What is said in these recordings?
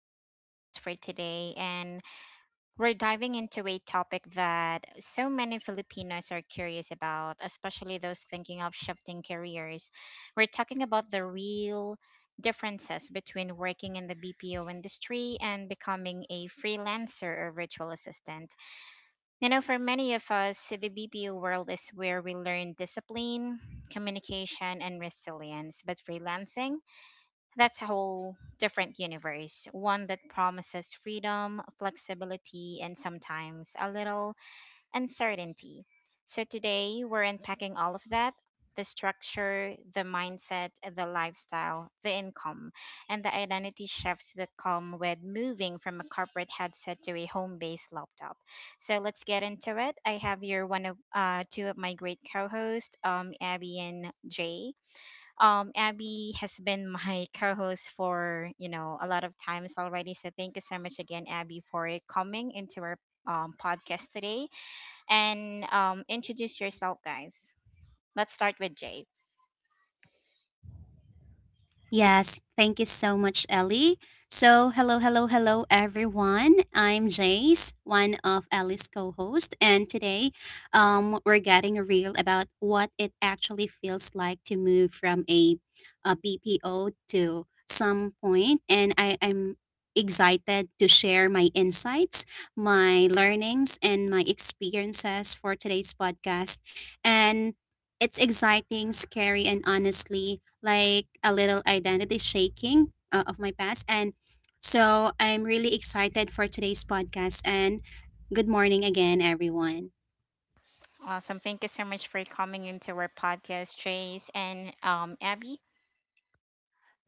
Ellie, your host for today, and we're diving into a topic that so many Filipinos are curious about, especially those thinking of shifting careers. We're talking about the real differences between working in the BPO industry and becoming a freelancer or virtual assistant. You know, for many of us, the BPO world is where we learn discipline, communication, and resilience, but freelancing, that's a whole different universe, one that promises freedom, flexibility, and sometimes a little uncertainty. So today we're unpacking all of that: the structure, the mindset, the lifestyle, the income, and the identity shifts that come with moving from a corporate headset to a home based laptop. So let's get into it. I have here one of two of my great co hosts, Abby and Jay. Abby has been my co-host for a lot of times already. So thank you so much again, Abby, for coming into our podcast today, and introduce yourself, guys. Let's start with Jay. Yes, thank you so much, Ellie. So, hello, hello, hello, everyone. I'm Jace, one of Ellie's co hosts, and today we're getting real about what it actually feels like to move from a BPO to some point. And I'm excited to share my insights, my learnings, and my experiences for today's podcast. And it's exciting, scary, and honestly like a little identity shaking of my past. And so I'm really excited for today's podcast. And good morning again, everyone. Awesome. Thank you so much for coming into our podcast, Trace and Abby.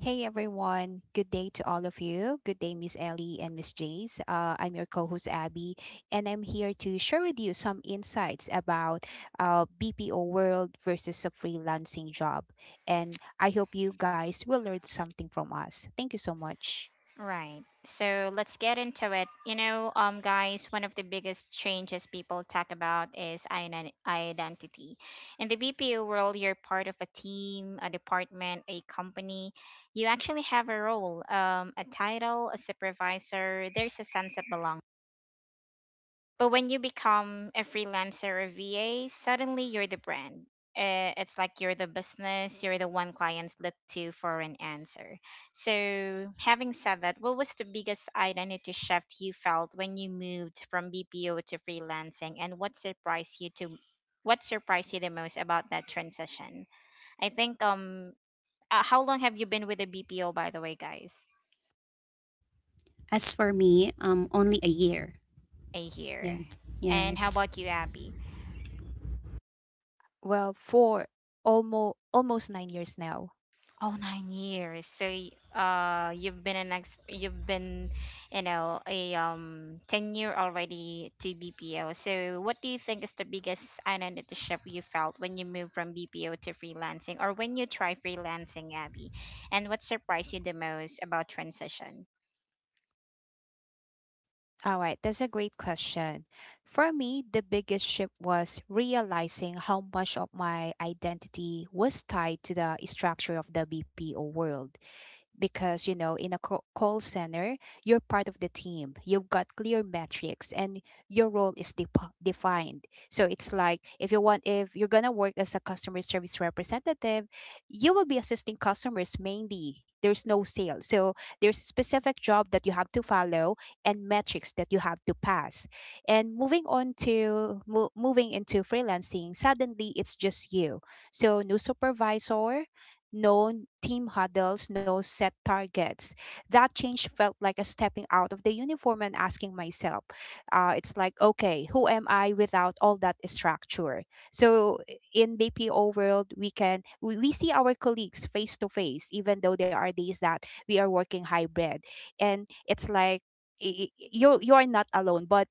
Hey everyone, good day to all of you. Good day, Miss Ellie and Miss Jace. I'm your co host Abby, and I'm here to share with you some insights about BPO world versus a freelancing job. And I hope you guys will learn something from us. Thank you so much. Right. So let's get into it. Guys, one of the biggest changes people talk about is identity. In the BPO world, you're part of a team, a department, a company. You actually have a role, a title, a supervisor. There's a sense of belonging, but when you become a freelancer or VA, suddenly you're the brand. It's like you're the business, you're the one clients look to for an answer. So, having said that, what was the biggest identity shift you felt when you moved from BPO to freelancing, and what surprised you the most about that transition? I think how long have you been with the BPO by the way, guys? As for me, only a year. A year. Yes, And how yes. about you, Abby? Well, for almost 9 years now. Oh, 9 years. So, you've been you've been, you know, a 10 year already to BPO. So, what do you think is the biggest identity shift you felt when you moved from BPO to freelancing, or when you try freelancing, Abby? And what surprised you the most about transition? All right, that's a great question. For me, the biggest shift was realizing how much of my identity was tied to the structure of the BPO world, because you know, in a call center, you're part of the team, you've got clear metrics, and your role is defined. So it's like, if you want, if you're going to work as a customer service representative, you will be assisting customers mainly. There's no sales, so there's specific job that you have to follow and metrics that you have to pass. And moving on to mo- moving into freelancing, suddenly it's just you. So no supervisor, no team huddles, no set targets. That change felt like a stepping out of the uniform and asking myself, it's like, okay, who am I without all that structure? So in BPO world, we see our colleagues face to face, even though there are days that we are working hybrid. And it's like, you are not alone, but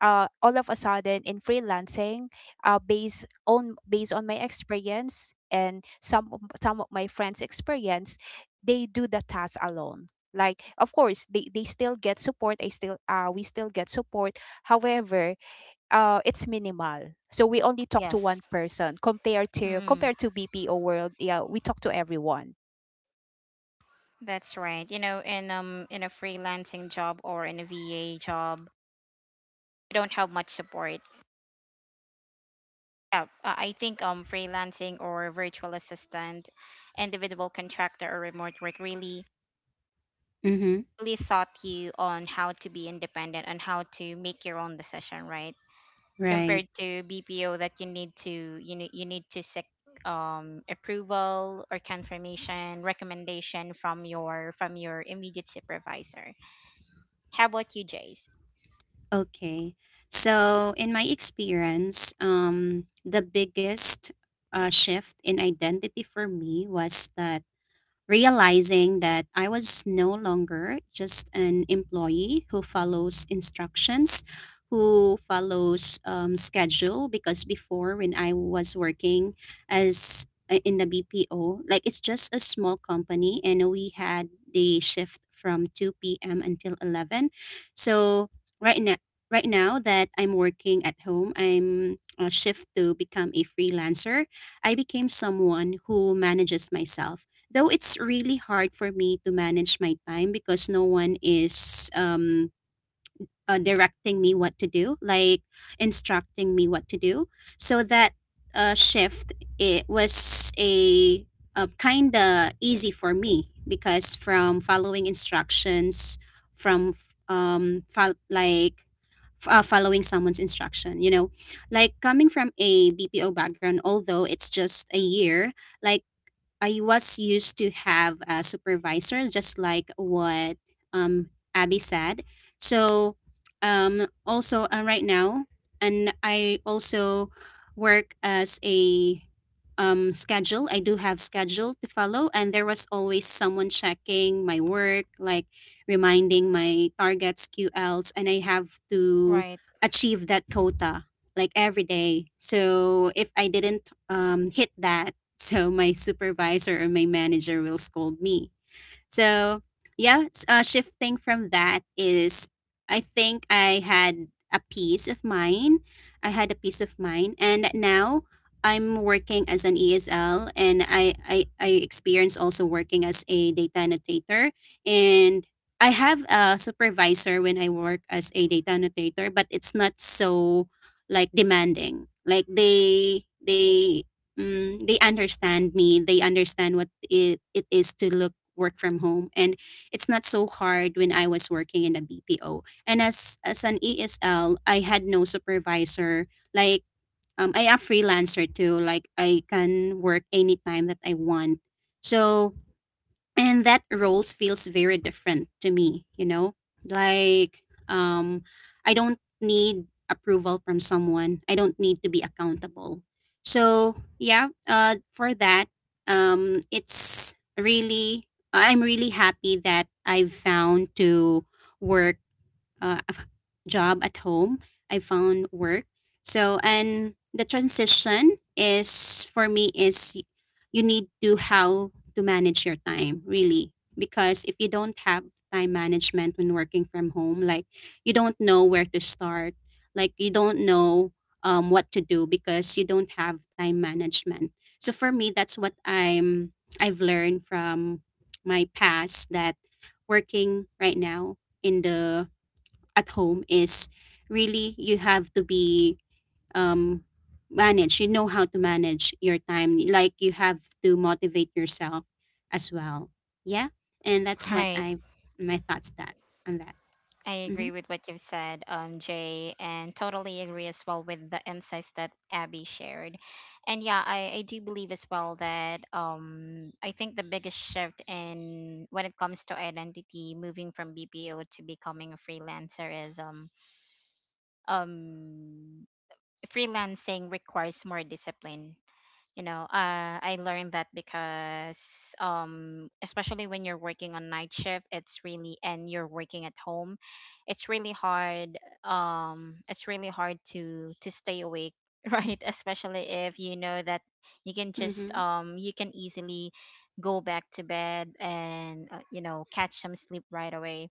all of a sudden in freelancing, uh, based based on my experience and some of my friends experience, they do the task alone. Like of course they still get support. I still uh we still get support. However, it's minimal, so we only talk to one Yes. person compared to Mm, compared to BPO world. Yeah, we talk to everyone. that's right. You know, in a freelancing job or in a VA job, you don't have much support. Yeah, I think freelancing or virtual assistant, individual contractor or remote work really Mm-hmm. really taught you on how to be independent and how to make your own decision, right? Right. Compared to BPO that you know you need to seek approval or confirmation recommendation from your immediate supervisor. How about you, Jace? Okay. So, in my experience, the biggest shift in identity for me was that realizing that I was no longer just an employee who follows instructions, who follows schedule. Because before, when I was working as in the BPO, like it's just a small company, and we had the shift from 2 p.m. until 11. So right now. Right now that I'm working at home, I'm a shift to become a freelancer. I became someone who manages myself, though it's really hard for me to manage my time because no one is directing me what to do, like instructing me what to do, so that shift it was a kind of easy for me, because from following instructions from f- fol- like f- following someone's instruction. Like coming from a bpo background, although it's just a year, like I was used to have a supervisor, just like what Abby said. So, also right now, and I also work as a schedule. I do have schedule to follow, and there was always someone checking my work, like reminding my targets, QLs, and I have to Right, achieve that quota like every day. So if I didn't hit that, so my supervisor or my manager will scold me. So yeah, shifting from that is, I think I had a peace of mind. I had a peace of mind, and now I'm working as an ESL, and I experience also working as a data annotator, and I have a supervisor when I work as a data annotator, but it's not so like demanding. Like they understand me. They understand what it is to look work from home, and it's not so hard when I was working in a BPO. And as an ESL, I had no supervisor. Like I am freelancer too. Like I can work anytime that I want. So and that roles feels very different to me. Like I don't need approval from someone, I don't need to be accountable. So yeah, for that, it's really I'm really happy that I've found to work uh, a f- job at home. I found work. So and the transition is for me is, you need to how to manage your time really, because if you don't have time management when working from home, like you don't know where to start, like you don't know what to do because you don't have time management. So for me that's what I've learned from my past, that working right now in the at home is, really you have to be um manage, you know how to manage your time, like you have to motivate yourself as well. Yeah. And that's what right. I, my thoughts that on that. I Mm-hmm. agree with what you've said, Jay, and totally agree as well with the insights that Abby shared. And yeah, I do believe as well that I think the biggest shift in when it comes to identity, moving from BPO to becoming a freelancer is um freelancing requires more discipline, you know. Uh, I learned that because especially when you're working on night shift, it's really, and you're working at home, it's really hard, it's really hard to stay awake, right, especially if you know that you can just Mm-hmm. You can easily go back to bed and you know catch some sleep right away.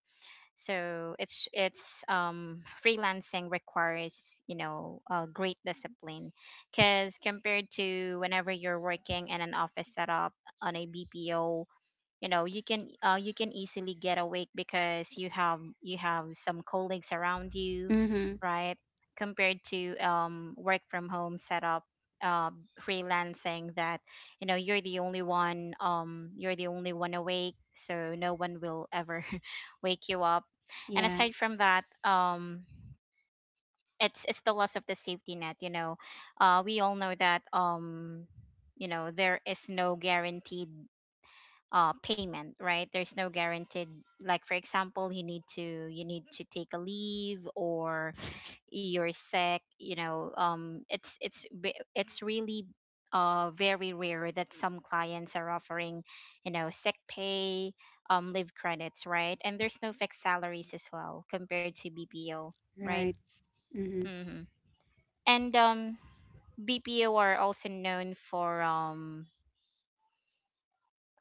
So it's freelancing requires, you know, great discipline, because compared to whenever you're working in an office setup on a BPO, you know you can easily get awake because you have some colleagues around you, Mm-hmm. right, compared to work from home setup, uh, freelancing, that you know you're the only one, you're the only one awake, so no one will ever wake you up. And Yeah. aside from that, it's the loss of the safety net, you know. Uh, we all know that, you know, there is no guaranteed payment, right? There's no guaranteed, like, for example, you need to take a leave or you're sick, you know. Um, it's really very rare that some clients are offering, you know, sick pay, leave credits, right? And there's no fixed salaries as well compared to BPO, right. Right. Mm-hmm. Mm-hmm. And BPO are also known for um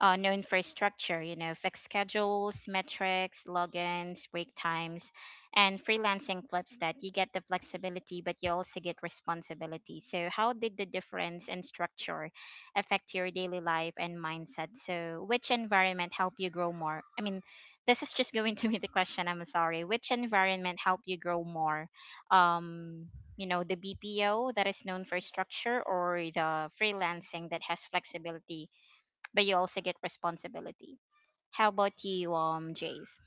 uh, no infrastructure, you know, fixed schedules, metrics, logins, break times, and freelancing flips that. You get the flexibility, but you also get responsibility. So, how did the difference in structure affect your daily life and mindset? So, which environment helped you grow more? I mean, this is just going to be the question. I'm sorry. Which environment helped you grow more? Um, you know, the BPO that is known for structure, or the freelancing that has flexibility but you also get responsibility. How about you, Jace?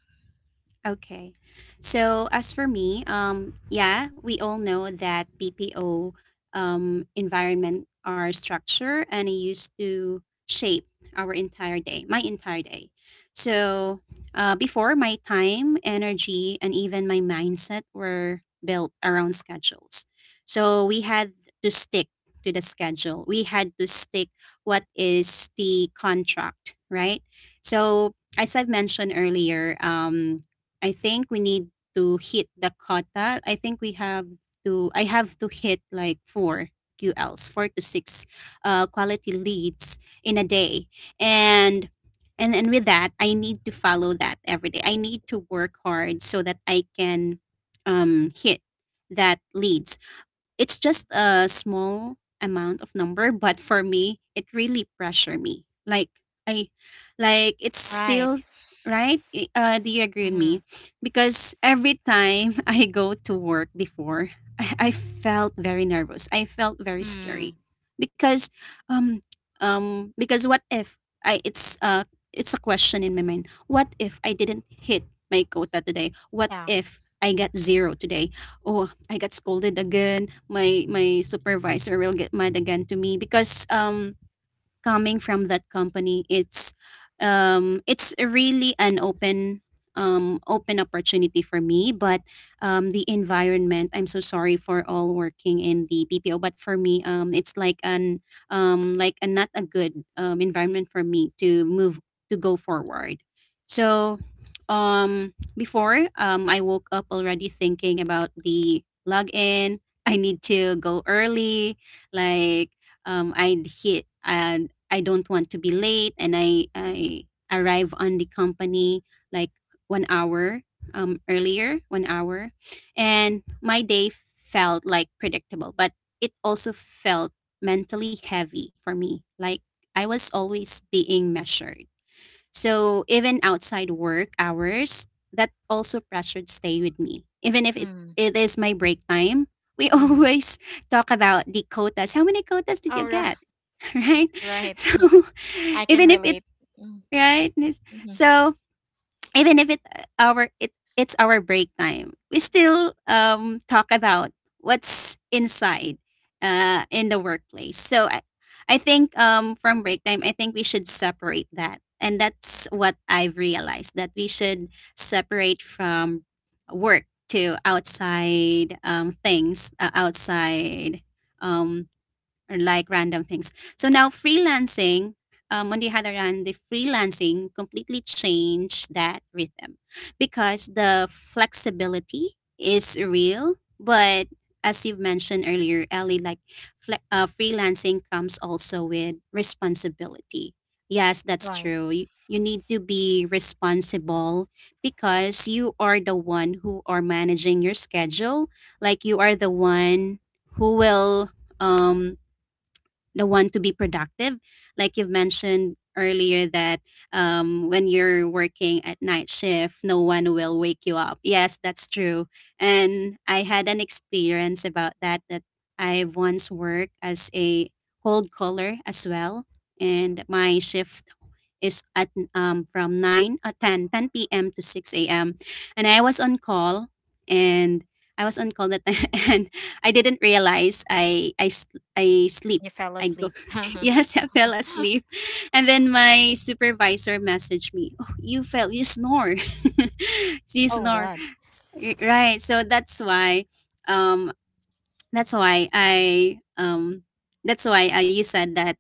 Okay. So as for me, yeah, we all know that BPO environment are structure, and it used to shape our entire day, my entire day. So before, my time, energy, and even my mindset were built around schedules. So we had to stick to the schedule. We had to stick what is the contract, right? So as I've mentioned earlier, I think we need to hit the quota. I think we have to I have to hit like four QLs, four to six quality leads in a day. And and with that, I need to follow that every day. I need to work hard so that I can hit that leads. It's just a small amount of number, but for me, it really pressure me. I, like it's Right. still right. Do you agree with Mm-hmm. me? Because every time I go to work before, I felt very nervous. I felt very Mm. scary because, um, because what if I? It's a question in my mind. What if I didn't hit my quota today? What Yeah. if I got zero today? Oh, I got scolded again. My supervisor will get mad again to me, because coming from that company, it's really an open opportunity for me, but the environment, I'm so sorry for all working in the BPO, but for me it's like an, like a not a good environment for me, to move to go forward. So before, I woke up already thinking about the login. I need to go early, like I'd hit, and I don't want to be late, and I arrive on the company like 1 hour earlier, 1 hour. And my day felt like predictable, but it also felt mentally heavy for me. Like I was always being measured. So even outside work hours, that also pressured stay with me. Even if it, Mm. it is my break time, we Mm. always talk about the quotas. How many quotas did Oh, you right. get? Right? Right. So I can even if it relate. right? Mm-hmm. So even if it our it it's our break time, we still talk about what's inside, in the workplace. So I think from break time, I think we should separate that, and that's what I've realized, that we should separate from work to outside, things, outside, um, or like random things. So now freelancing, on the other hand, the freelancing completely changed that rhythm, because the flexibility is real. But as you've mentioned earlier, Ellie, like freelancing comes also with responsibility. Yes, that's Right. true. You need to be responsible because you are the one who are managing your schedule. Like you are the one who will, um the one to be productive, like you've mentioned earlier that when you're working at night shift, no one will wake you up. Yes, that's true. And I had an experience about that, that I once worked as a cold caller as well, and my shift is at, from 9 10:10 p.m. to 6 a.m., and i was on call and I was on call that time and I didn't realize I, s- I sleep. You fell I go, asleep. Oh yes, I fell asleep. And then my supervisor messaged me, oh, you fell, you snore. You snore. God. Right. So that's why, um, that's why I um you said that,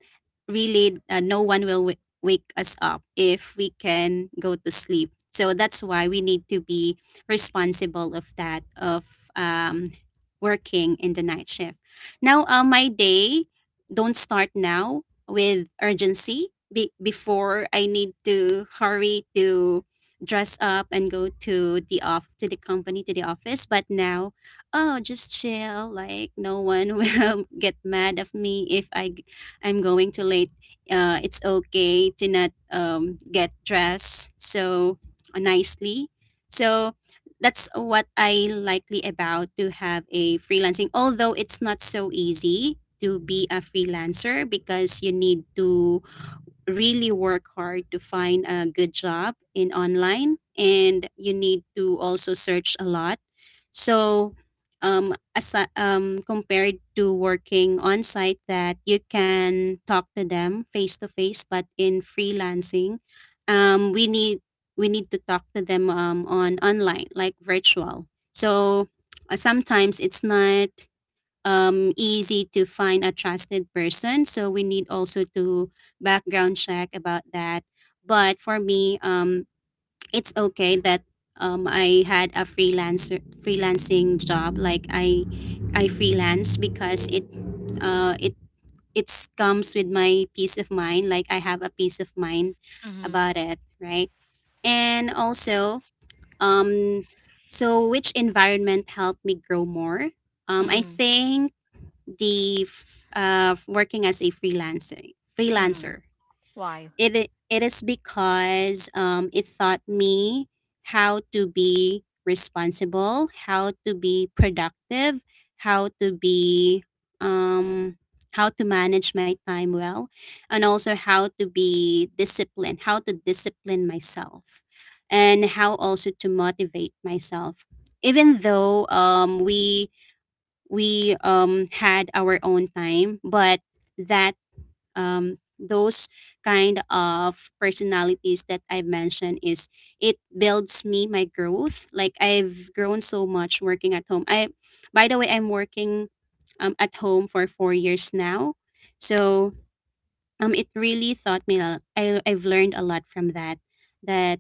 really no one will wake us up if we can go to sleep. So that's why we need to be responsible of that, of working in the night shift. Now my day don't start now with urgency. Before, I need to hurry to dress up and go to the office. But now, oh just chill, like no one will get mad of me if I'm going too late. It's okay to not get dressed so nicely. So that's what I likely about to have a freelancing, although it's not so easy to be a freelancer, because you need to really work hard to find a good job in online, and you need to also search a lot. So, compared to working on site, that you can talk to them face to face, but in freelancing, um, we need we need to talk to them, on online, like virtual. So sometimes it's not easy to find a trusted person. So we need also to background check about that. But for me, it's okay that I had a freelancer freelancing job. Like I freelance because uh it it's comes with my peace of mind. Like I have a peace of mind Mm-hmm. about it, right. And also, um so which environment helped me grow more, I Mm. think working as a freelancer Mm. freelancer Why? it i- it is because it taught me how to be responsible, how to be productive, how to be um how to manage my time well, and also how to be disciplined, how to discipline myself, and how also to motivate myself. Even though um, we had our own time, but that those kind of personalities that I've mentioned is it builds me my growth. Like I've grown so much working at home. I by the way, I'm working at home for 4 years now. So it really taught me I've learned a lot from that. That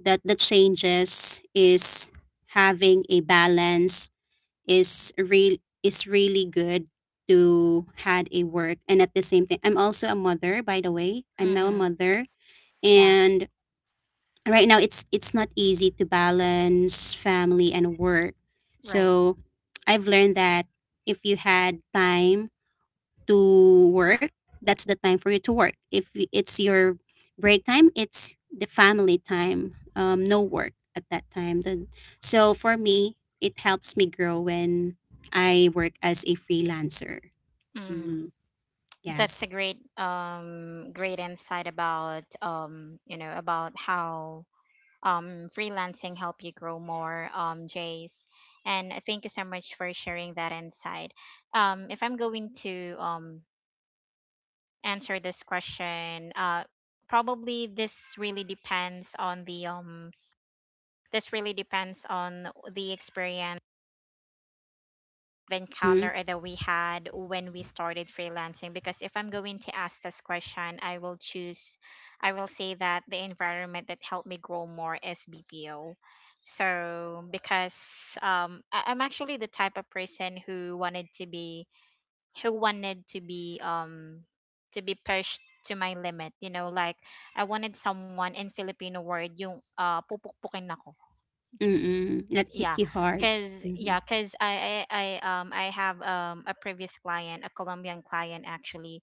that the changes is having a balance is real is really good to had a work, and at the same time I'm also a mother. By the way, I'm now a Mm-hmm. mother. Yeah. And right now it's not easy to balance family and work. Right. So I've learned that if you had time to work, that's the time for you to work. If y- it's your break time, it's the family time. No work at that time. So for me, it helps me grow when I work as a freelancer. Mm-hmm. Mm, That's a yes. great great insight about you know about how freelancing help you grow more, Jace. And thank you so much for sharing that insight. If I'm going to answer this question, probably this really depends on the experience Mm-hmm. encounter that we had when we started freelancing, because if I'm going to ask this question I will choose I will say that the environment that helped me grow more is BPO. So because I'm actually the type of person who wanted to be, who wanted to be um to be pushed to my limit, you know, like I wanted someone, in Filipino word, yung pupukpukin ako. Mm-mm. That Yeah, hit you hard. because, Mm-hmm. I have a previous client, a Colombian client actually,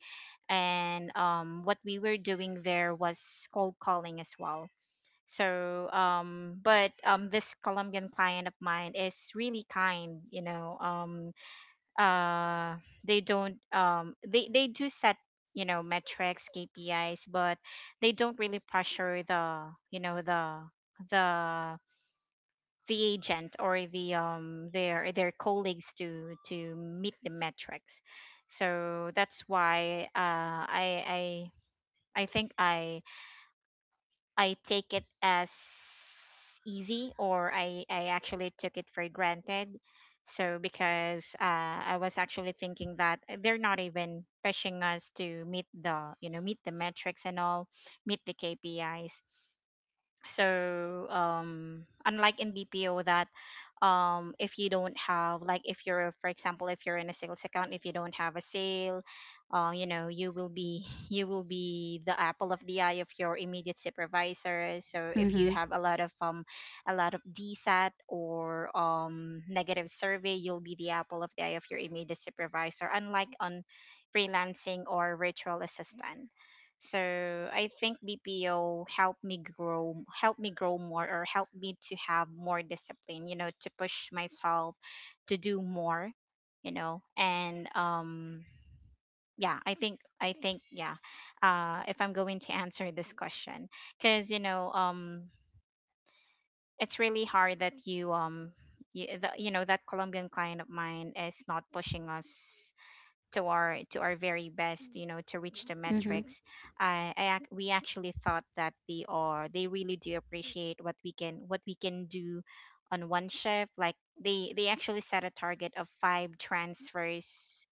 and what we were doing there was cold calling as well. So but this Colombian client of mine is really kind, you know. Um uh they don't, they do set, you know, metrics, KPIs, but they don't really pressure the, you know, the the agent, or their colleagues to meet the metrics. So that's why, I think I take it as easy, or I actually took it for granted. So because, I was actually thinking that they're not even pushing us to meet the, you know, meet the metrics and all, meet the KPIs. So unlike in BPO that, if you don't have, like, if you're, for example, if you're in a sales account, if you don't have a sale, you know, you will be you will be the apple of the eye of your immediate supervisor. So if you Mm-hmm. have a lot of DSAT or negative survey, you'll be the apple of the eye of your immediate supervisor, unlike on freelancing or virtual assistant. So I think BPO helped me grow more, or helped me to have more discipline, you know, to push myself to do more. You know, and yeah, I think, I think, yeah. If I'm going to answer this question, because you know, it's really hard that you know, that Colombian client of mine is not pushing us to our, to our very best, you know, to reach the Mm-hmm. metrics. I we actually thought that they really do appreciate what we can, what we can do on one shift. Like they actually set a target of 5 transfers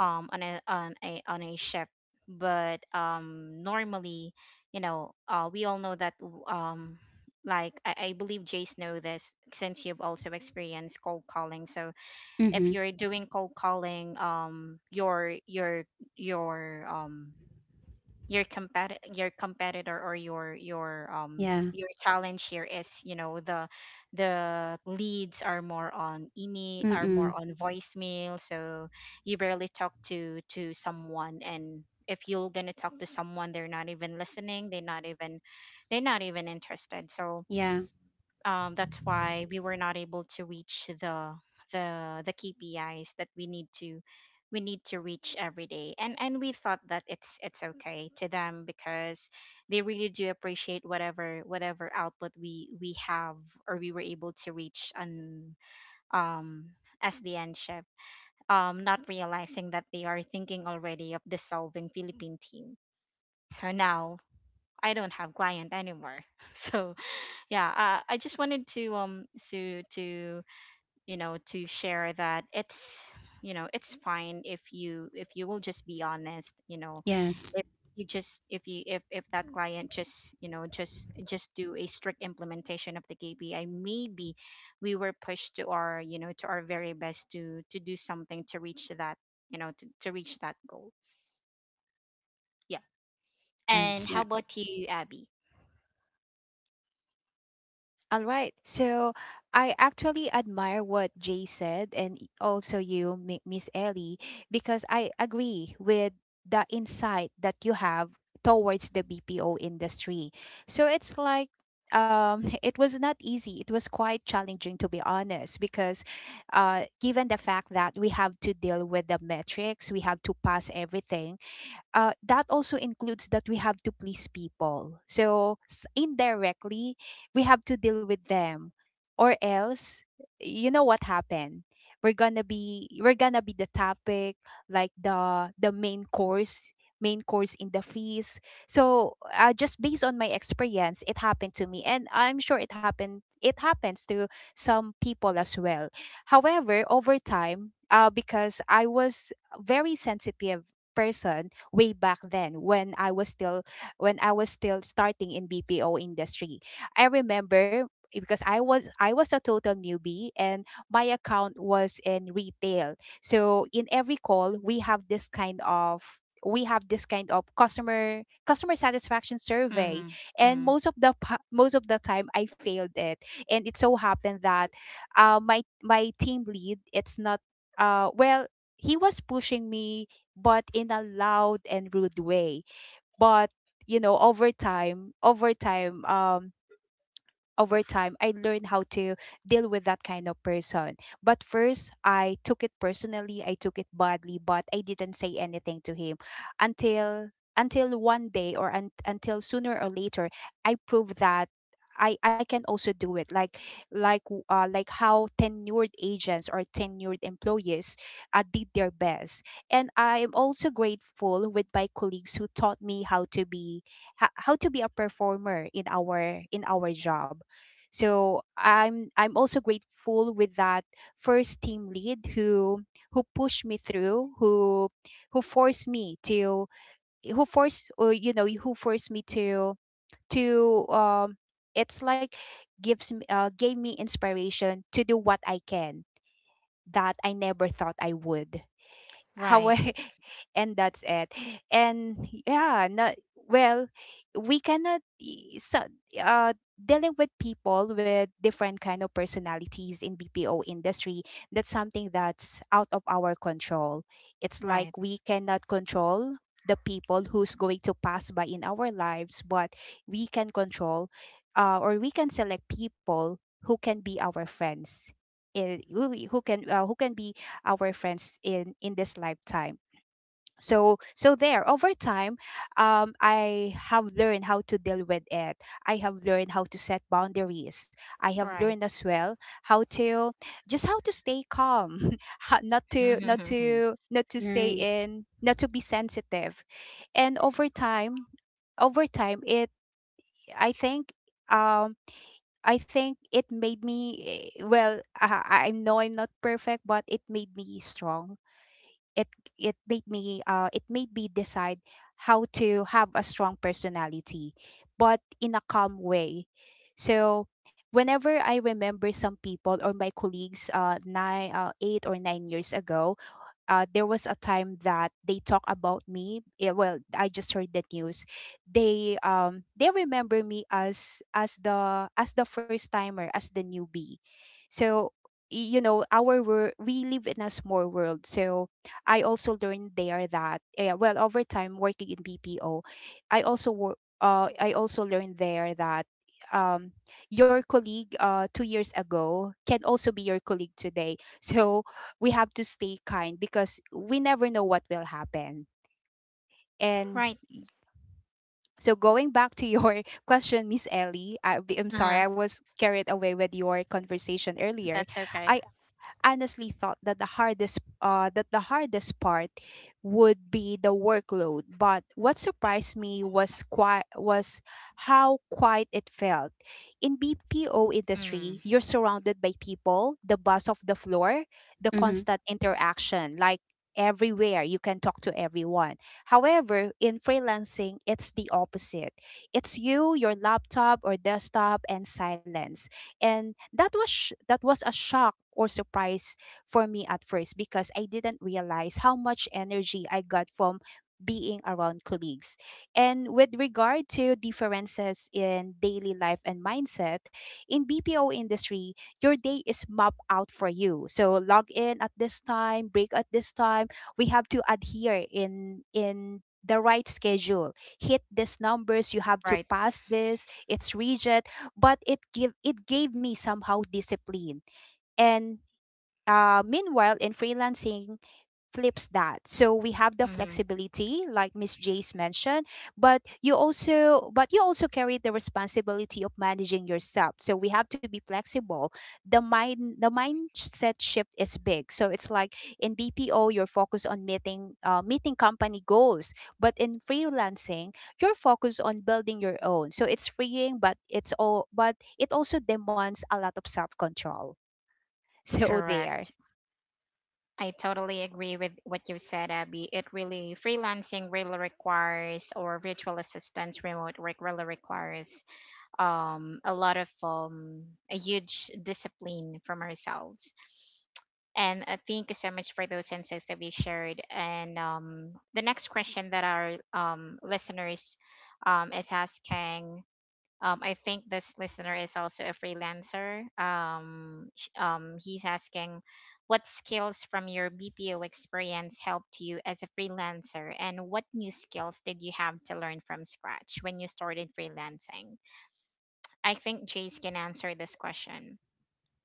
on a shift. But normally, you know, we all know that, like, I believe Jace know this since you've also experienced cold calling. So if Mm-hmm. you're doing cold calling, your um your compet your competitor, or Yeah. your challenge here is, you know, the leads are more on email, are more Mm-mm. on voicemail. So you barely talk to someone, and if you're gonna talk to someone, they're not even listening, they're not even, they're not even interested. So Yeah. That's why we were not able to reach the KPIs that we need to, we need to reach every day. And we thought that it's okay to them because they really do appreciate whatever, whatever output we have, or we were able to reach on um SDN ship. Not realizing that they are thinking already of dissolving Philippine team. So now I don't have client anymore. So yeah I just wanted to to to share that it's fine if you will just be honest, you know. Yes. If you just if that client just just do a strict implementation of the KPI, maybe we were pushed to our, you know, to our very best to do something to reach that, you know, to reach that goal, yeah. And Yes. how about you, Abby? All right. So I actually admire what Jay said, and also you, Miss Ellie, because I agree with the insight that you have towards the BPO industry. So it's like, it was not easy. It was quite challenging, to be honest, because given the fact that we have to deal with the metrics, we have to pass everything. That also includes that we have to please people. So indirectly, we have to deal with them, or else, you know what happened. We're gonna be, we're gonna be the topic, like the main course in the feast. So just based on my experience, it happened to me, and I'm sure it happened. It happens to some people as well. However, over time, because I was very sensitive person way back then when I was still, when I was still starting in BPO industry. I remember, because I was a total newbie, and my account was in retail. So in every call we have this kind of, we have this kind of customer customer satisfaction survey, Mm-hmm, and mm-hmm. Most of the time I failed it. And it so happened that my my team lead, it's not, well, he was pushing me, but in a loud and rude way. But you know, over time, I learned how to deal with that kind of person. But first, I took it personally, I took it badly, but I didn't say anything to him until until one day or un- until sooner or later I proved that I can also do it, like like how tenured agents or tenured employees did their best. And I am also grateful with my colleagues who taught me how to be, how to be a performer in our, in our job. So I'm also grateful with that first team lead who pushed me through, who forced me to, who forced or you know who forced me to it's like gives me gave me inspiration to do what I can that I never thought I would. Right, Hawaii, and that's it. And yeah, no, well, we cannot, so uh dealing with people with different kind of personalities in BPO industry. That's something that's out of our control. It's like right, we cannot control the people who's going to pass by in our lives, but we can control, or we can select people who can be our friends. Who can be our friends in this lifetime. So so there, over time, I have learned how to deal with it. I have learned how to set boundaries. I have right. learned as well how to, just how to stay calm, how, not to stay Nice. in not to be sensitive. And over time, over time it I think um I think it made me, well, I know I'm not perfect, but it made me strong. It it made me, it made me decide how to have a strong personality, but in a calm way. So whenever I remember some people or my colleagues nine 8 or 9 years ago, there was a time that they talk about me. Yeah, well, I just heard the news. They, they remember me as, as the first timer, as the newbie. So, you know, our world, we live in a small world. So I also learned there that, yeah, well, over time working in BPO, I also, I also learned there that um your colleague 2 years ago can also be your colleague today. So we have to stay kind because we never know what will happen. And, Right. y- so going back to your question, Miss Ellie, I'm sorry Uh-huh. I was carried away with your conversation earlier. That's okay. I honestly thought that the hardest part would be the workload, but what surprised me was, was how quiet it felt. In BPO industry, Mm, you're surrounded by people, the buzz of the floor, the Mm-hmm. constant interaction, like everywhere you can talk to everyone. However, in freelancing, it's the opposite. It's you, your laptop or desktop and silence, and that was, that was a shock or surprise for me at first, because I didn't realize how much energy I got from being around colleagues. And with regard to differences in daily life and mindset, in BPO industry, your day is mapped out for you. So log in at this time, break at this time. We have to adhere in the right schedule. Hit these numbers, you have to right. pass this. It's rigid, but it, give it gave me somehow discipline. And meanwhile in freelancing flips that. So we have the Hmm. flexibility, like Miss Jace mentioned, but you also, but you also carry the responsibility of managing yourself. So we have to be flexible. The mindset shift is big. So it's like in BPO you're focused on meeting company goals, but in freelancing you're focused on building your own. So it's freeing, but it's all, but it also demands a lot of self control. So there. Correct. I totally agree with what you said, Abby. It really, freelancing really requires, or virtual assistance, remote work really requires a lot of a huge discipline from ourselves. And thank you so much for those insights that we shared. And the next question that our listeners is asking. I think this listener is also a freelancer. He's asking, what skills from your BPO experience helped you as a freelancer, and what new skills did you have to learn from scratch when you started freelancing? I think Jace can answer this question.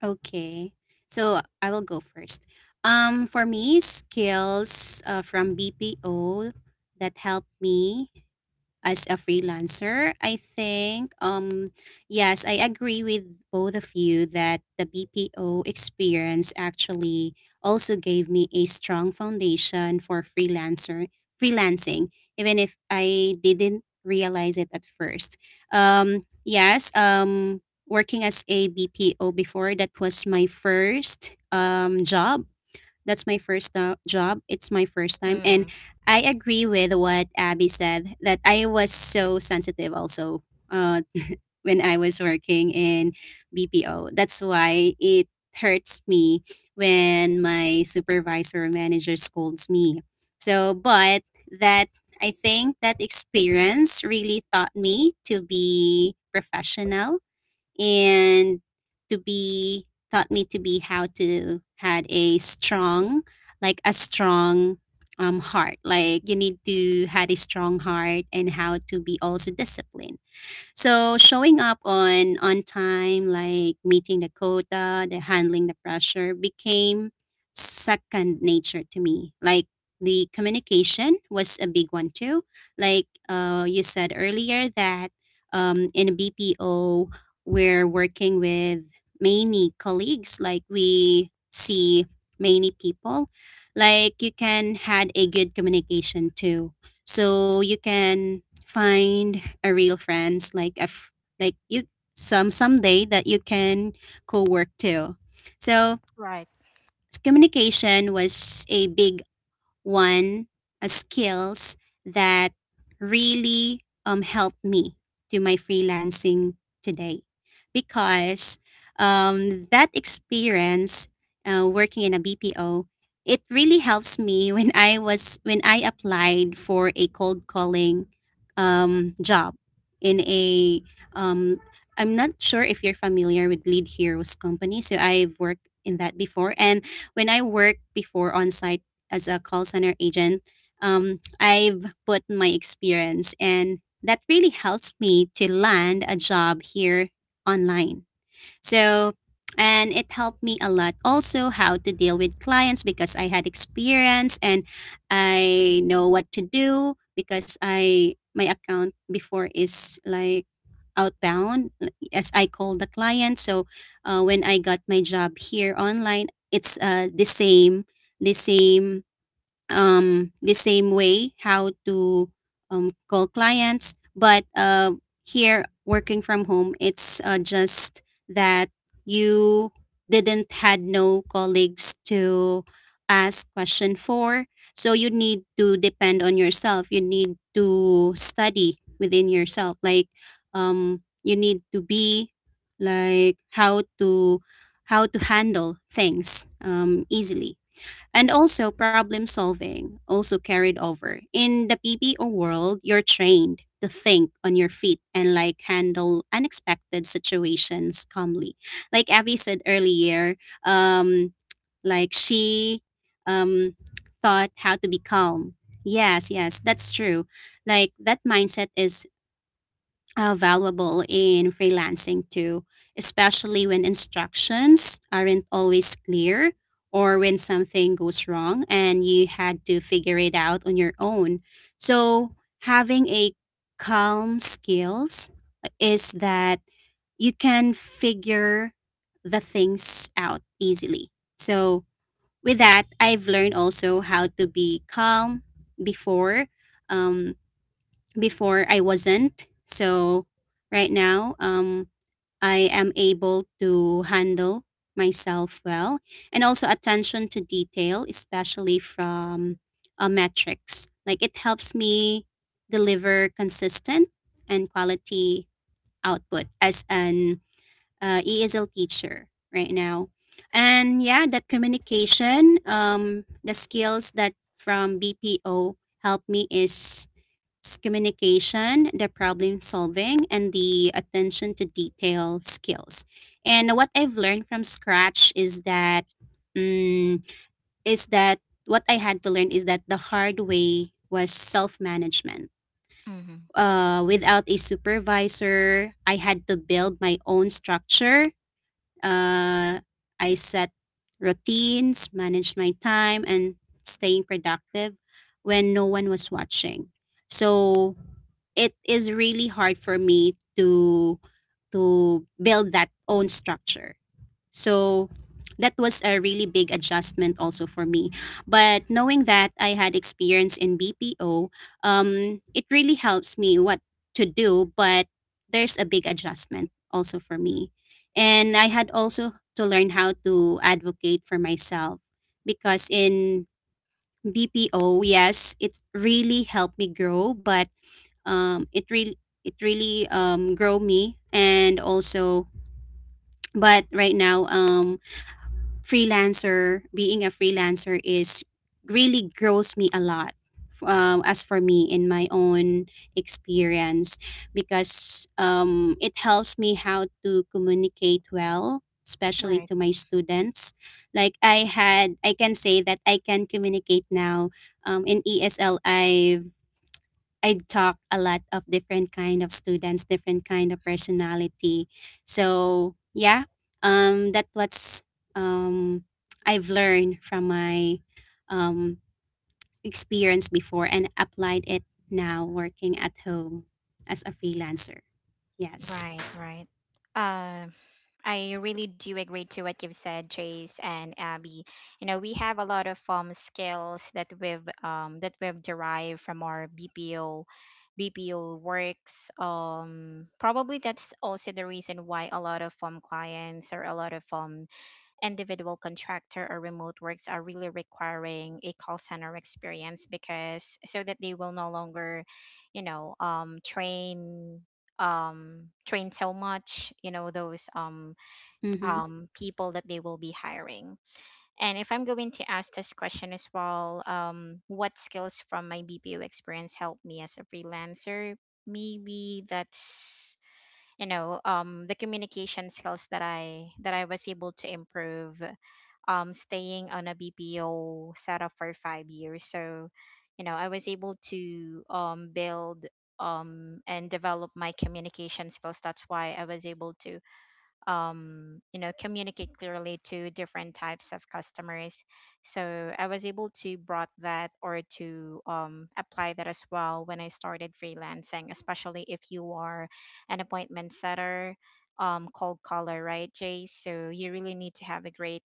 Okay. So I will go first. For me, skills from BPO that helped me as a freelancer. I think yes, I agree with both of you that the BPO experience actually also gave me a strong foundation for freelancer freelancing, even if I didn't realize it at first. Yes, working as a BPO before, that was my first job. That's my first job. It's my first time. And Mm, I agree with what Abby said that I was so sensitive also uh, when I was working in BPO. That's why it hurts me when my supervisor or manager scolds me. So, but that I think that experience really taught me to be professional, and to be taught me to be how to had a strong, like a strong heart. Like you need to had a strong heart, and how to be also disciplined. So showing up on time, like meeting the quota, the handling the pressure became second nature to me. Like the communication was a big one too. Like you said earlier that in a BPO we're working with many colleagues. Like we see many people. Like you can had a good communication too. So you can find a real friends, like you some someday that you can co-work too. So right. communication was a big one, skills that really helped me to my freelancing today, because that experience working in a BPO, it really helps me when I was when I applied for a cold calling job in a um, I'm not sure if you're familiar with Lead Heroes company, so I've worked in that before. And when I worked before on site as a call center agent, I've put my experience, and that really helps me to land a job here online. So, and it helped me a lot also how to deal with clients because I had experience, and I know what to do because I my account before is like outbound as I call the client. So when I got my job here online, it's the same the same way how to call clients. But here, working from home, it's just that you didn't had no colleagues to ask question for. So you need to depend on yourself. You need to study within yourself. Like you need to be like how to handle things easily. And also problem solving also carried over. In the PPO world, you're trained to think on your feet and like handle unexpected situations calmly. Like Avi said earlier, um like she um thought how to be calm. Yes, yes, that's true. Like that mindset is valuable in freelancing too, especially when instructions aren't always clear, or when something goes wrong and you had to figure it out on your own. So, having a calm skills is that you can figure the things out easily. So, with that, I've learned also how to be calm before. Um, Before I wasn't. So right now, I am able to handle myself well. And also attention to detail, especially from metrics. Like it helps me deliver consistent and quality output as an ESL teacher right now. And yeah, that communication, the skills that from BPO helped me is communication, the problem solving, and the attention to detail skills. And what I've learned from scratch is mm, that what I had to learn is that the hard way was self management. Mm-hmm. Without a supervisor, I had to build my own structure. uh, I set routines, managed my time, and staying productive when no one was watching. So it is really hard for me to build that own structure. So that was a really big adjustment also for me. But knowing that I had experience in BPO, it really helps me what to do, but there's a big adjustment also for me. And I had also to learn how to advocate for myself, because in BPO, yes, it really helped me grow, but um, it really it really grow me, and also, but right now freelancer, being a freelancer is really grows me a lot. As for me, in my own experience, because it helps me how to communicate well, especially Right, to my students. Like I had, I can say that I can communicate now. In ESL, I talk a lot of different kind of students, different kind of personality. So yeah, that what's um, I've learned from my um, experience before and applied it now working at home as a freelancer. Yes. right, right. Um, I really do agree to what you've said, Trace and Abby. You know, we have a lot of skills that we've derived from our BPO works. Probably that's also the reason why a lot of clients or a lot of individual contractor or remote works are really requiring a call center experience, because so that they will no longer, you know, train train so much, you know, those Mm-hmm. People that they will be hiring. And if I'm going to ask this question as well, what skills from my BPO experience helped me as a freelancer? Maybe that's, you know, the communication skills that I was able to improve staying on a BPO setup for 5 years. So, you know, I was able to build and develop my communication skills. That's why I was able to you know, communicate clearly to different types of customers. So I was able to brought that, or to apply that as well when I started freelancing, especially if you are an appointment setter, cold caller, right, Jay? So you really need to have a great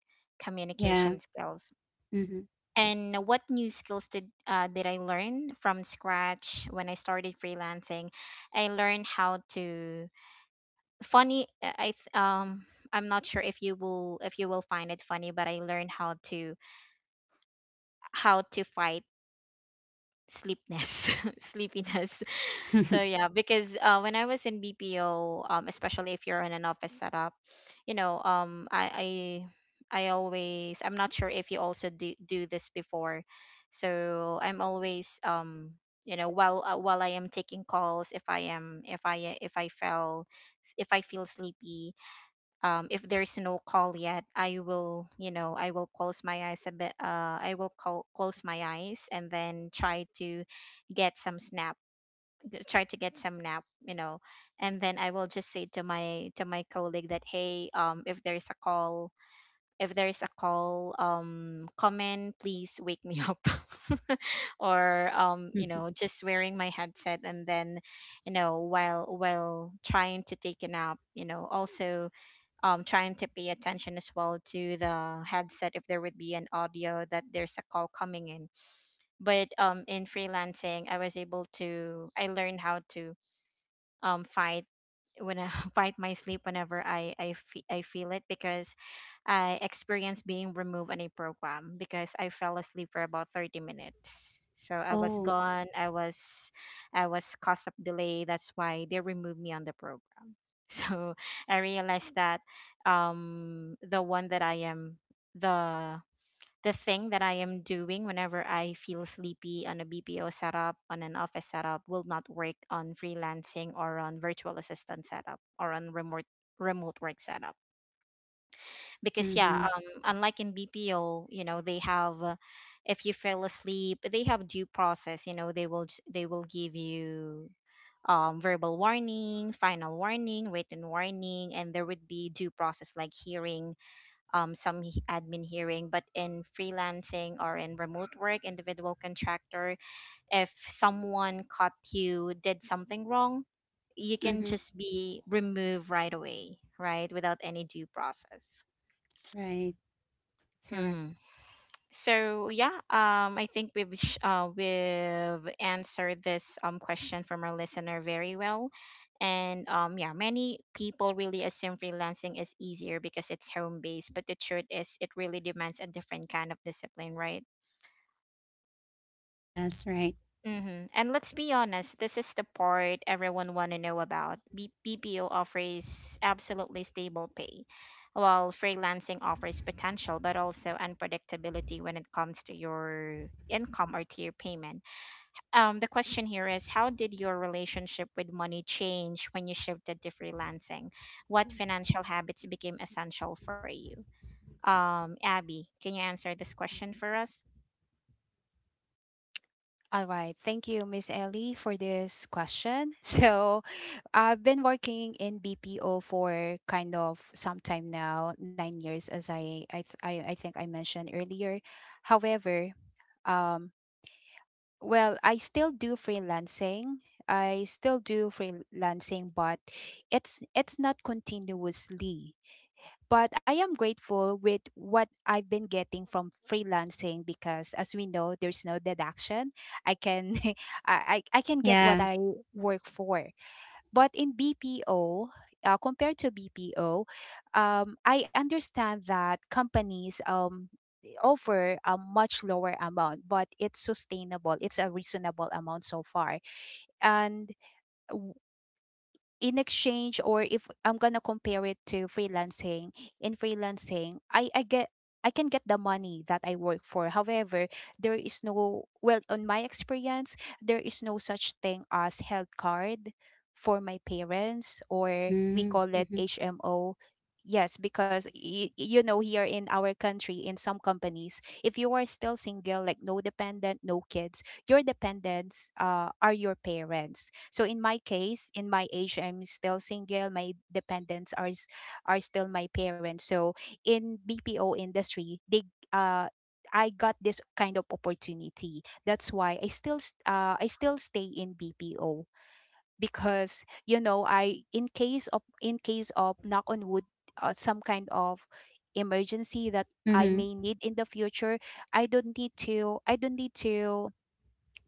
Yeah. communication skills. Mm-hmm. And what new skills did I learn from scratch when I started freelancing? I learned how to, funny, I'm not sure if you will, if you will find it funny, but I learned how to, how to fight sleepness, sleepiness. So yeah, because when I was in BPO, especially if you're in an office setup, you know, I always, I'm not sure if you also do this before. So I'm always you know, while I am taking calls, if I am, if I feel sleepy, if there's no call yet, I will, you know, I will close my eyes a bit. I will call, close my eyes and then try to get some snap, try to get some nap, you know, and then I will just say to my colleague that, hey, if there is a call, if there is a call, come in, please wake me up, or you know, just wearing my headset and then, you know, while trying to take a nap, you know, also trying to pay attention as well to the headset if there would be an audio that there's a call coming in. But in freelancing, I was able to, I learned how to fight, when I fight my sleep whenever I feel it, because I experienced being removed on a program because I fell asleep for about 30 minutes. So I was Oh. gone. I was cause of delay. That's why they removed me on the program. So I realized that um the one that I am the the thing that I am doing whenever I feel sleepy on a BPO setup, on an office setup, will not work on freelancing, or on virtual assistant setup, or on remote work setup. Because yeah, Mm-hmm. Unlike in BPO, you know, they have if you fell asleep, they have due process. You know, they will j- they will give you verbal warning, final warning, written warning, and there would be due process, like hearing some he- admin hearing. But in freelancing or in remote work, individual contractor, if someone caught you did something wrong, you can Mm-hmm. just be removed right away, right, without any due process. Right. Correct. So yeah, I think we've sh- we've answered this question from our listener very well, and yeah, many people really assume freelancing is easier because it's home based, but the truth is it really demands a different kind of discipline, right? Yes. Right. Mm-hmm. And let's be honest, this is the part everyone want to know about. B- BPO offers absolutely stable pay, while freelancing offers potential but also unpredictability when it comes to your income or to your payment. The question here is, how did your relationship with money change when you shifted to freelancing? What financial habits became essential for you? Abby, can you answer this question for us? All right. Thank you, Miss Ellie, for this question. So I've been working in BPO for kind of some time now, 9 years, as I think I mentioned earlier. However, um, well, I still do freelancing. I still do freelancing, but it's not continuously. But I am grateful with what I've been getting from freelancing, because as we know there's no deduction. I can I can get Yeah. what I work for. But in BPO, compared to BPO, I understand that companies offer a much lower amount, but it's sustainable. It's a reasonable amount so far. And in exchange, or if I'm gonna compare it to freelancing, in freelancing, I can get the money that I work for. However, there is no, well, on my experience, there is no such thing as health card for my parents, or we Mm-hmm. call it Mm-hmm. HMO. Yes, because, you know, here in our country, in some companies, if you are still single, like no dependent, no kids, your dependents are your parents. So in my case, in my age, I'm still single. My dependents are still my parents. So in BPO industry, they, uh, I got this kind of opportunity. That's why I still stay in BPO, because you know, I in case of knock on wood, some kind of emergency that I Mm-hmm. may need in the future, I don't need to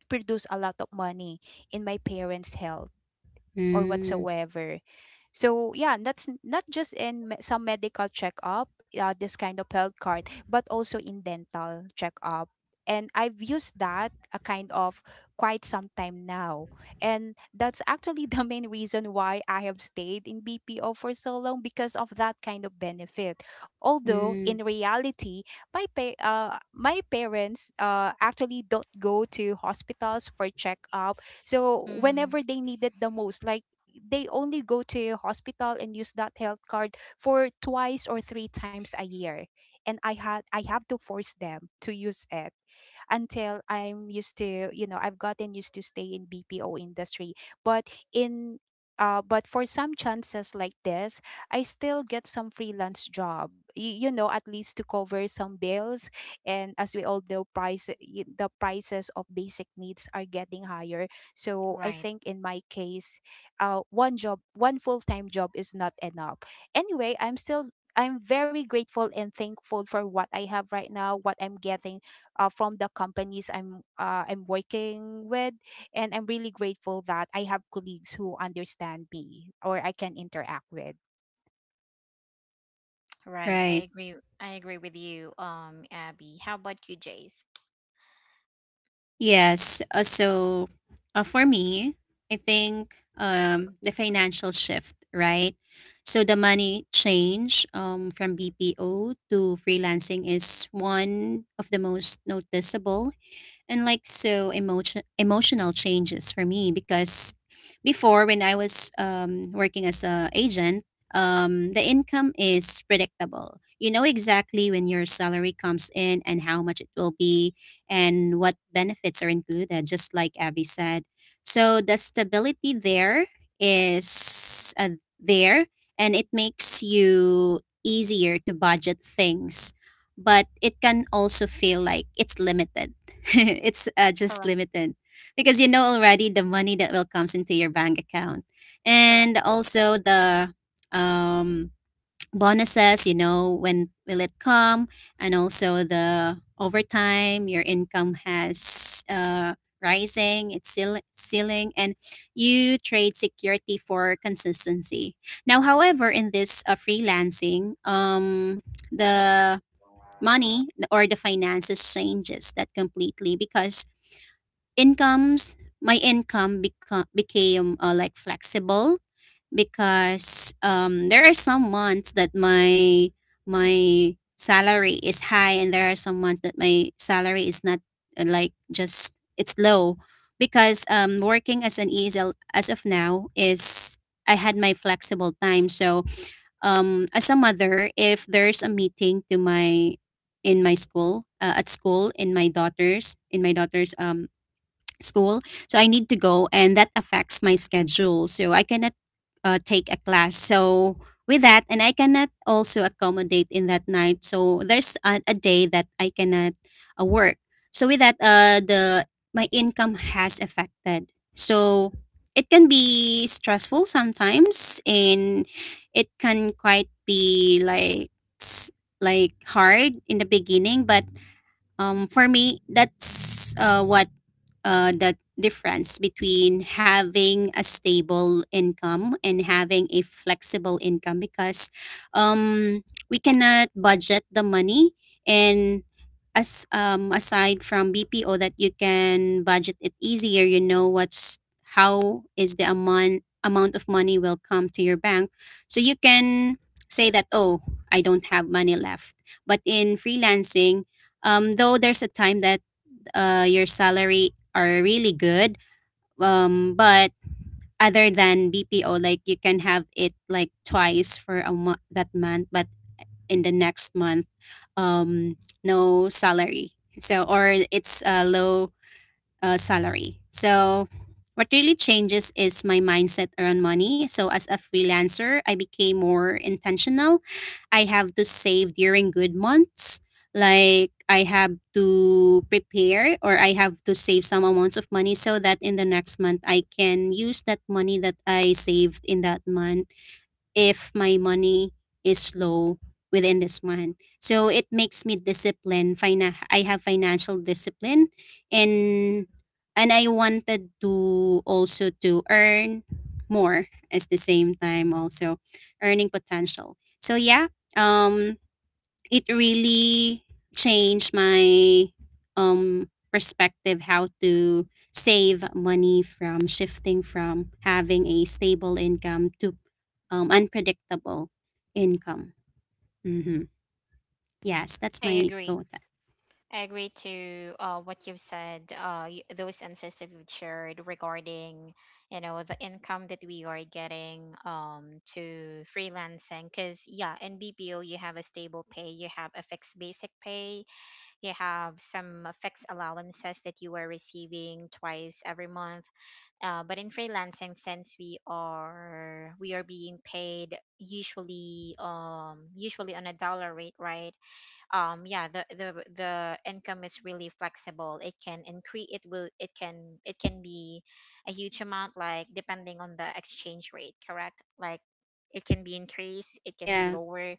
produce a lot of money in my parents' health or whatsoever. So yeah, that's, not just in, some medical checkup, this kind of health card, but also in dental checkup. And I've used that a kind of quite some time now. And that's actually the main reason why I have stayed in BPO for so long, because of that kind of benefit. Although Mm-hmm. in reality, my parents actually don't go to hospitals for checkup. So Mm, whenever they need it the most, like they only go to your hospital and use that health card for twice or three times a year. And I have to force them to use it, until I'm used to, you know, I've gotten used to stay in BPO industry. But in, but for some chances like this, I still get some freelance job. You know, at least to cover some bills. And as we all know, the prices of basic needs are getting higher. So I right. think in my case, one full time job is not enough. Anyway, I'm very grateful and thankful for what I have right now, what I'm getting, from the companies I'm working with, and I'm really grateful that I have colleagues who understand me or I can interact with. Right. I Right. agree. I agree with you, Abby. How about you, Jace? Yes. So for me, I think the financial shift, right? So the money change from BPO to freelancing is one of the most noticeable and like so emotional changes for me, because before when I was working as a agent, the income is predictable. You know exactly when your salary comes in and how much it will be, and what benefits are included, just like Abby said. So the stability there is there, and it makes you easier to budget things, but it can also feel like it's limited. It's just Correct. limited, because you know already the money that will comes into your bank account, Correct. and also the um, bonuses, you know when will it come, and also the overtime. Your income has rising it's ceiling, and you trade security for consistency now. However, in this freelancing, the money or the finances changes that completely, because incomes my income became like flexible, because there are some months that my salary is high, and there are some months that my salary is not like just it's low, because working as an ESL as of now is I had my flexible time. So as a mother, if there's a meeting to my in my school at school, in my daughter's school. So I need to go, and that affects my schedule. So I cannot take a class. So with that, and I cannot also accommodate in that night. So there's a day that I cannot work. So with that, the my income has affected. So it can be stressful sometimes, and it can quite be like s- like hard in the beginning. But for me, that's what the difference between having a stable income and having a flexible income, because um, we cannot budget the money. And as aside from BPO that you can budget it easier, you know what's how is the amount of money will come to your bank, so you can say that, oh, I don't have money left. But in freelancing, though there's a time that your salary are really good. But other than BPO, like you can have it like twice for a month that month, but in the next month, um, no salary. So, or it's a low salary. So, what really changes is my mindset around money. So, as a freelancer, I became more intentional. I have to save during good months. Like, I have to prepare, or I have to save some amounts of money so that in the next month I can use that money that I saved in that month if my money is low within this month. So it makes me disciplined. I have financial discipline. And and I wanted to also to earn more at the same time. Also earning potential. So yeah, um it really changed my perspective how to save money from shifting from having a stable income to unpredictable income. Hmm. Yes, that's I my agree. go to. I agree to what you've said. Those insights that you've shared regarding, you know, the income that we are getting to freelancing. Because yeah, in BPO you have a stable pay, you have a fixed basic pay, you have some fixed allowances that you are receiving twice every month. But in freelancing, since we are being paid usually on a dollar rate, right? Yeah, the income is really flexible. It can increase. It will. It can. It can be a huge amount, like depending on the exchange rate. Correct. Like it can be increased. It can be Yeah. lower.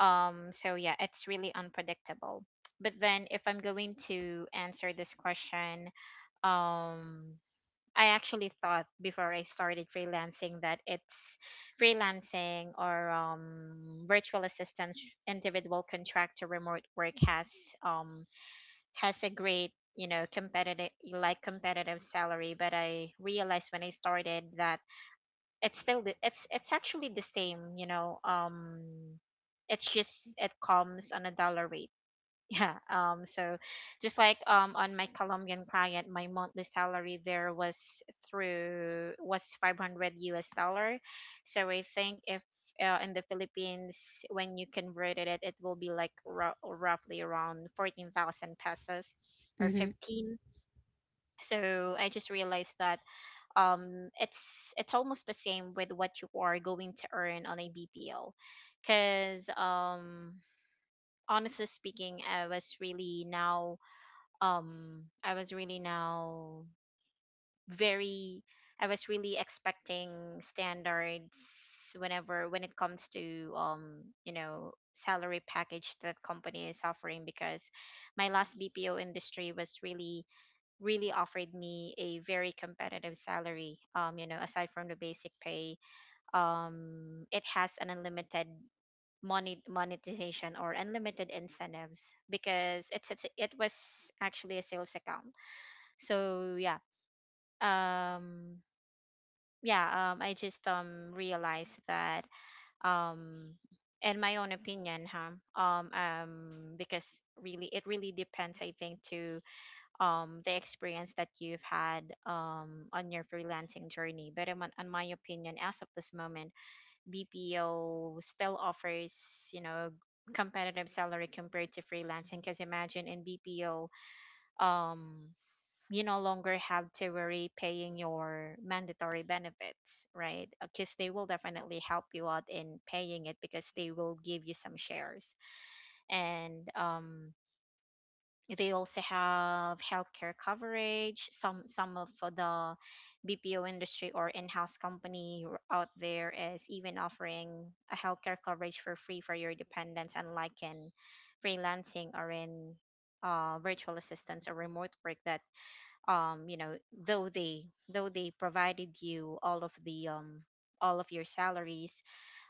So yeah, it's really unpredictable. But then, if I'm going to answer this question, um I actually thought before I started freelancing that it's freelancing, or virtual assistance, individual contractor, remote work um, has a great, you know, competitive, like competitive salary. But I realized when I started that it's still the, it's actually the same. You know, it's just it comes on a dollar rate. Yeah. So, just like on my Colombian client, my monthly salary there was through was 500 US dollar. So I think if in the Philippines when you converted it, it will be like ro- roughly around 14,000 pesos or Hmm. 15. So I just realized that it's almost the same with what you are going to earn on a BPO, because honestly speaking, I was really now I was really now very I was really expecting standards whenever when it comes to you know salary package that company is offering, because my last BPO industry was really really offered me a very competitive salary, you know, aside from the basic pay, it has an unlimited monet- monetization or unlimited incentives, because it's it was actually a sales account. So yeah, um yeah I just realized that um in my own opinion, huh, because really it really depends, I think, to the experience that you've had on your freelancing journey. But in my opinion as of this moment, BPO still offers, you know, competitive salary compared to freelancing, because imagine in BPO um you no longer have to worry paying your mandatory benefits, right? Because they will definitely help you out in paying it, because they will give you some shares. And they also have healthcare coverage. Some of the BPO industry or in-house company r- out there is even offering a healthcare coverage for free for your dependents, unlike in freelancing or in virtual assistants or remote work, that you know, though they though they provided you all of the all of your salaries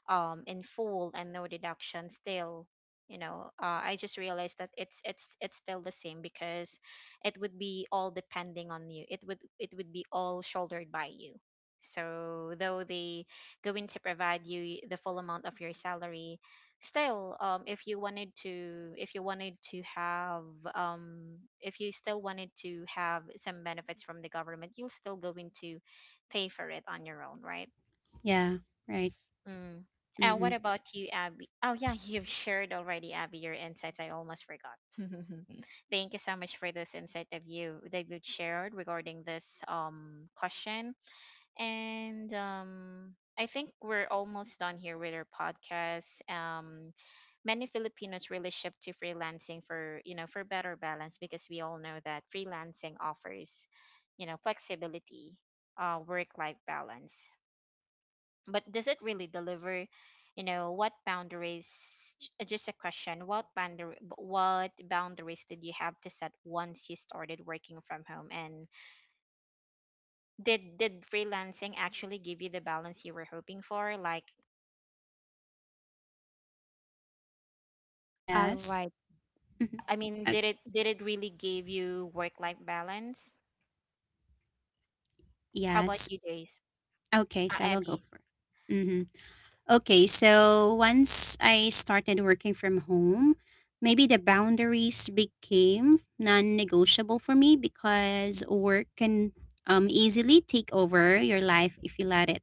in full and no deduction, still, you know, I just realized that it's it's still the same, because it would be all depending on you, it would be all shouldered by you. So, though they going to provide you the full amount of your salary, still, if you wanted to, if you wanted to have, if you still wanted to have some benefits from the government, you'll still going to pay for it on your own, right? Yeah. Right. Mm. And Hmm. what about you, Abby? Oh, yeah, you've shared already, Abby, your insights. I almost forgot. Thank you so much for this insight that you shared regarding this question. And I think we're almost done here with our podcast. Many Filipinos really shift to freelancing for for better balance because we all know that freelancing offers, you know, flexibility, work life balance, but does it really deliver, you know, what just a question, what boundary what boundaries did you have to set once you started working from home? And did freelancing actually give you the balance you were hoping for? like All Yes. right. Hmm. i mean Uh, did it really give you work life balance? How about yes. you, Jace? Okay, so I will go Abby. for. Mm-hmm. Okay, so once I started working from home, maybe the boundaries became non-negotiable for me, because work can easily take over your life if you let it.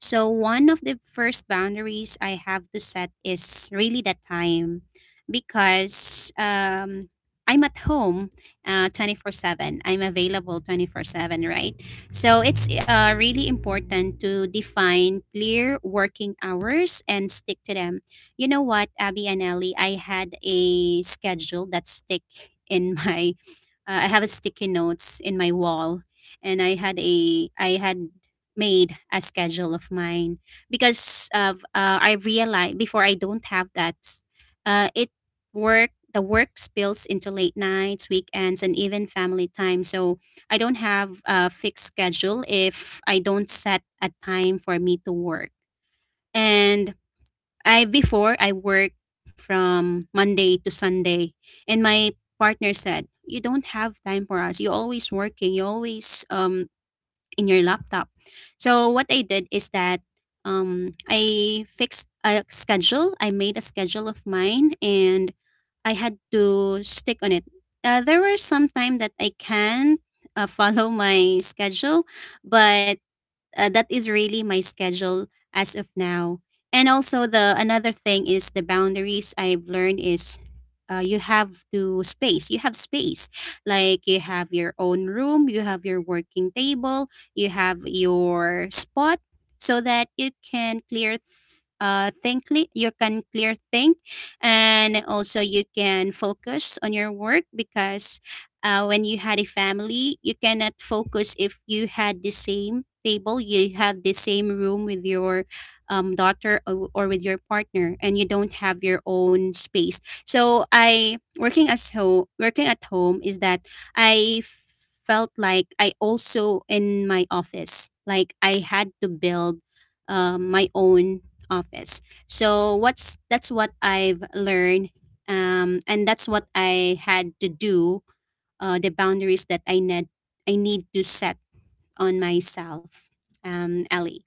So, one of the first boundaries I have to set is really the time, because I'm at home 24/7. I'm available 24/7, right? So, it's really important to define clear working hours and stick to them. You know what, Abby and Ellie, I had a schedule that stick in my. I have a sticky notes in my wall, and I had made a schedule of mine, because of I realized before I don't have that. It Work the work spills into late nights, weekends, and even family time. So I don't have a fixed schedule if I don't set a time for me to work. And I before I work from Monday to Sunday, and my partner said, "You don't have time for us. You're always working. You always in your laptop." So what I did is that I fixed a schedule. I made a schedule of mine, and I had to stick on it. There were some time that I can follow my schedule, but that is really my schedule as of now. And also the another thing is the boundaries I've learned is you have to space. You have space. Like you have your own room, you have your working table, you have your spot, so that you can clear th- think cle- you can clear think, and also you can focus on your work, because when you had a family you cannot focus if you had the same table, you have the same room with your daughter, or with your partner, and you don't have your own space. So I working as home working at home is that I felt like I also in my office, like I had to build my own office. So what's that's what I've learned, and that's what I had to do. The boundaries that I need to set on myself. Ellie.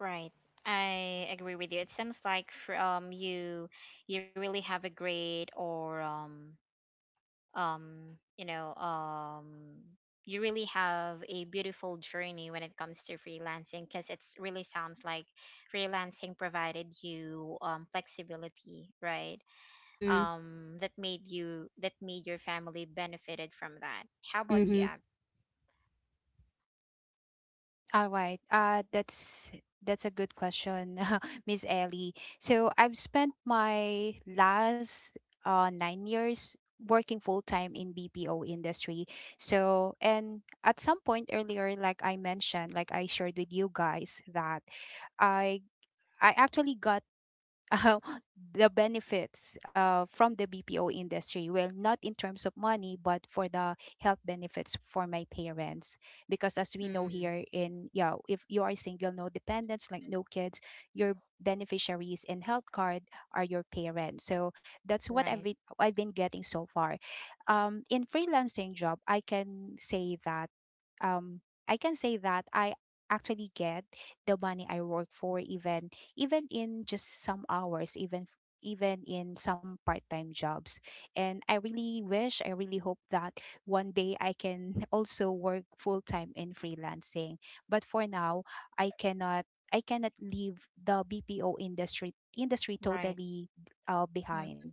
Right, I agree with you. It seems like from you, you really have a great or um, you really have a beautiful journey when it comes to freelancing, because it's really sounds like freelancing provided you flexibility, right? Mm-hmm. That made you, that made your family benefited from that. How about you, Mm-hmm. Abby? All right. That's a good question, Miss Ellie. So I've spent my last 9 years working full time in BPO industry. So and at some point earlier, like I mentioned, like I shared with you guys that I I actually got, uh, the benefits from the BPO industry. Well, not in terms of money, but for the health benefits for my parents. Because as we know Mm, here in, yeah, if you are single, no dependents, like no kids, your beneficiaries in health card are your parents. So that's what right, I've been getting so far. In freelancing job, I can say that, um, I actually get the money I work for, even, even in just some hours, even, even in some part-time jobs. And I really wish, I really hope that one day I can also work full-time in freelancing. But for now, I cannot I cannot leave the BPO industry right. totally Mm, behind,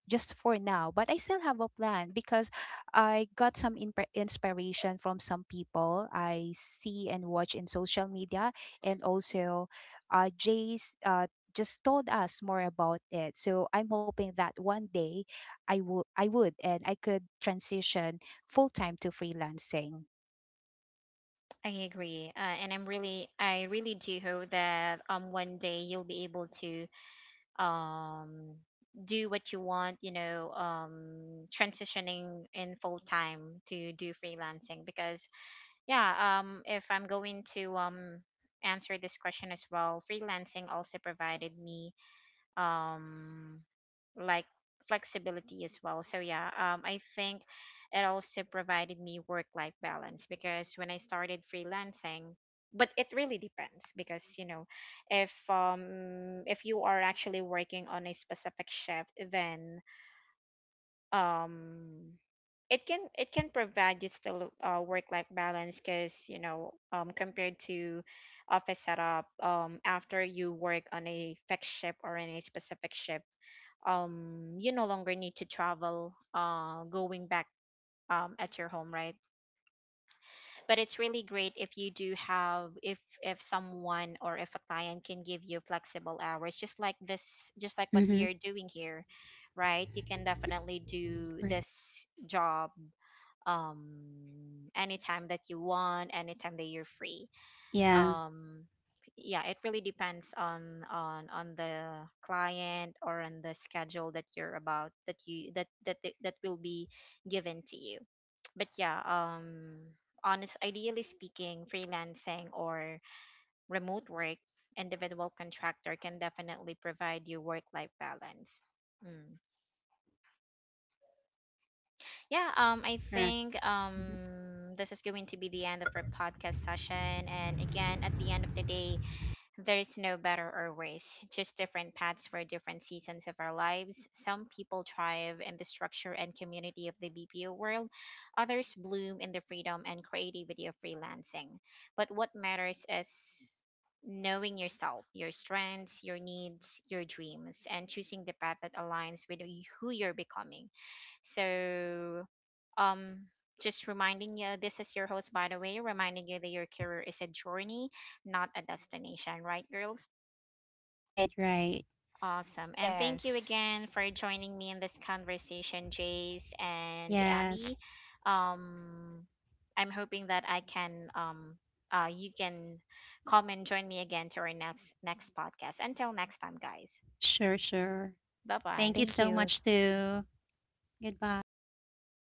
just for now. But I still have a plan, because I got some, inspiration from some people I see and watch in social media. And also, jay's just told us more about it. So I'm hoping that one day I would and I could transition full time to freelancing. I agree, and I'm really, I really do hope that one day you'll be able to um do what you want, you know, transitioning in full time to do freelancing, because yeah, if I'm going to answer this question as well, freelancing also provided me um like flexibility as well. So yeah, I think it also provided me work life balance because when I started freelancing, but it really depends, because you know, if you are actually working on a specific shift, then um it can, it can provide you still work life balance, because you know, compared to office setup, after you work on a fixed ship or in a specific ship, you no longer need to travel, going back at your home, right? But it's really great if you do have, if someone or if a client can give you flexible hours, just like this, just like what we are doing here. Right, you can Mm-hmm. definitely do Right. this job um anytime that you want, anytime that you're free. Yeah. um yeah, it really depends on on the client or on the schedule that you're about that you that that that that will be given to you. But yeah, honest, ideally speaking, freelancing or remote work, individual contractor, can definitely provide you work life balance. Mm. Yeah, I Correct. think Mhm. This is going to be the end of our podcast session. And again, at the end of the day, there is no better or worse, just different paths for different seasons of our lives. Some people thrive in the structure and community of the BPO world, others bloom in the freedom and creativity of freelancing. But what matters is knowing yourself, your strengths, your needs, your dreams, and choosing the path that aligns with who you're becoming. So, um, just reminding you, this is your host, by the way, reminding you that your career is a journey, not a destination, right, girls? Right. Right. Awesome. And thank you Yes, again for joining me in this conversation, Jace and Yes. Abby. Um, I'm hoping that I can, you can come and join me again to our next podcast. Until next time, guys. Sure. Sure. Bye Thank you bye. thank so you. much too. Goodbye.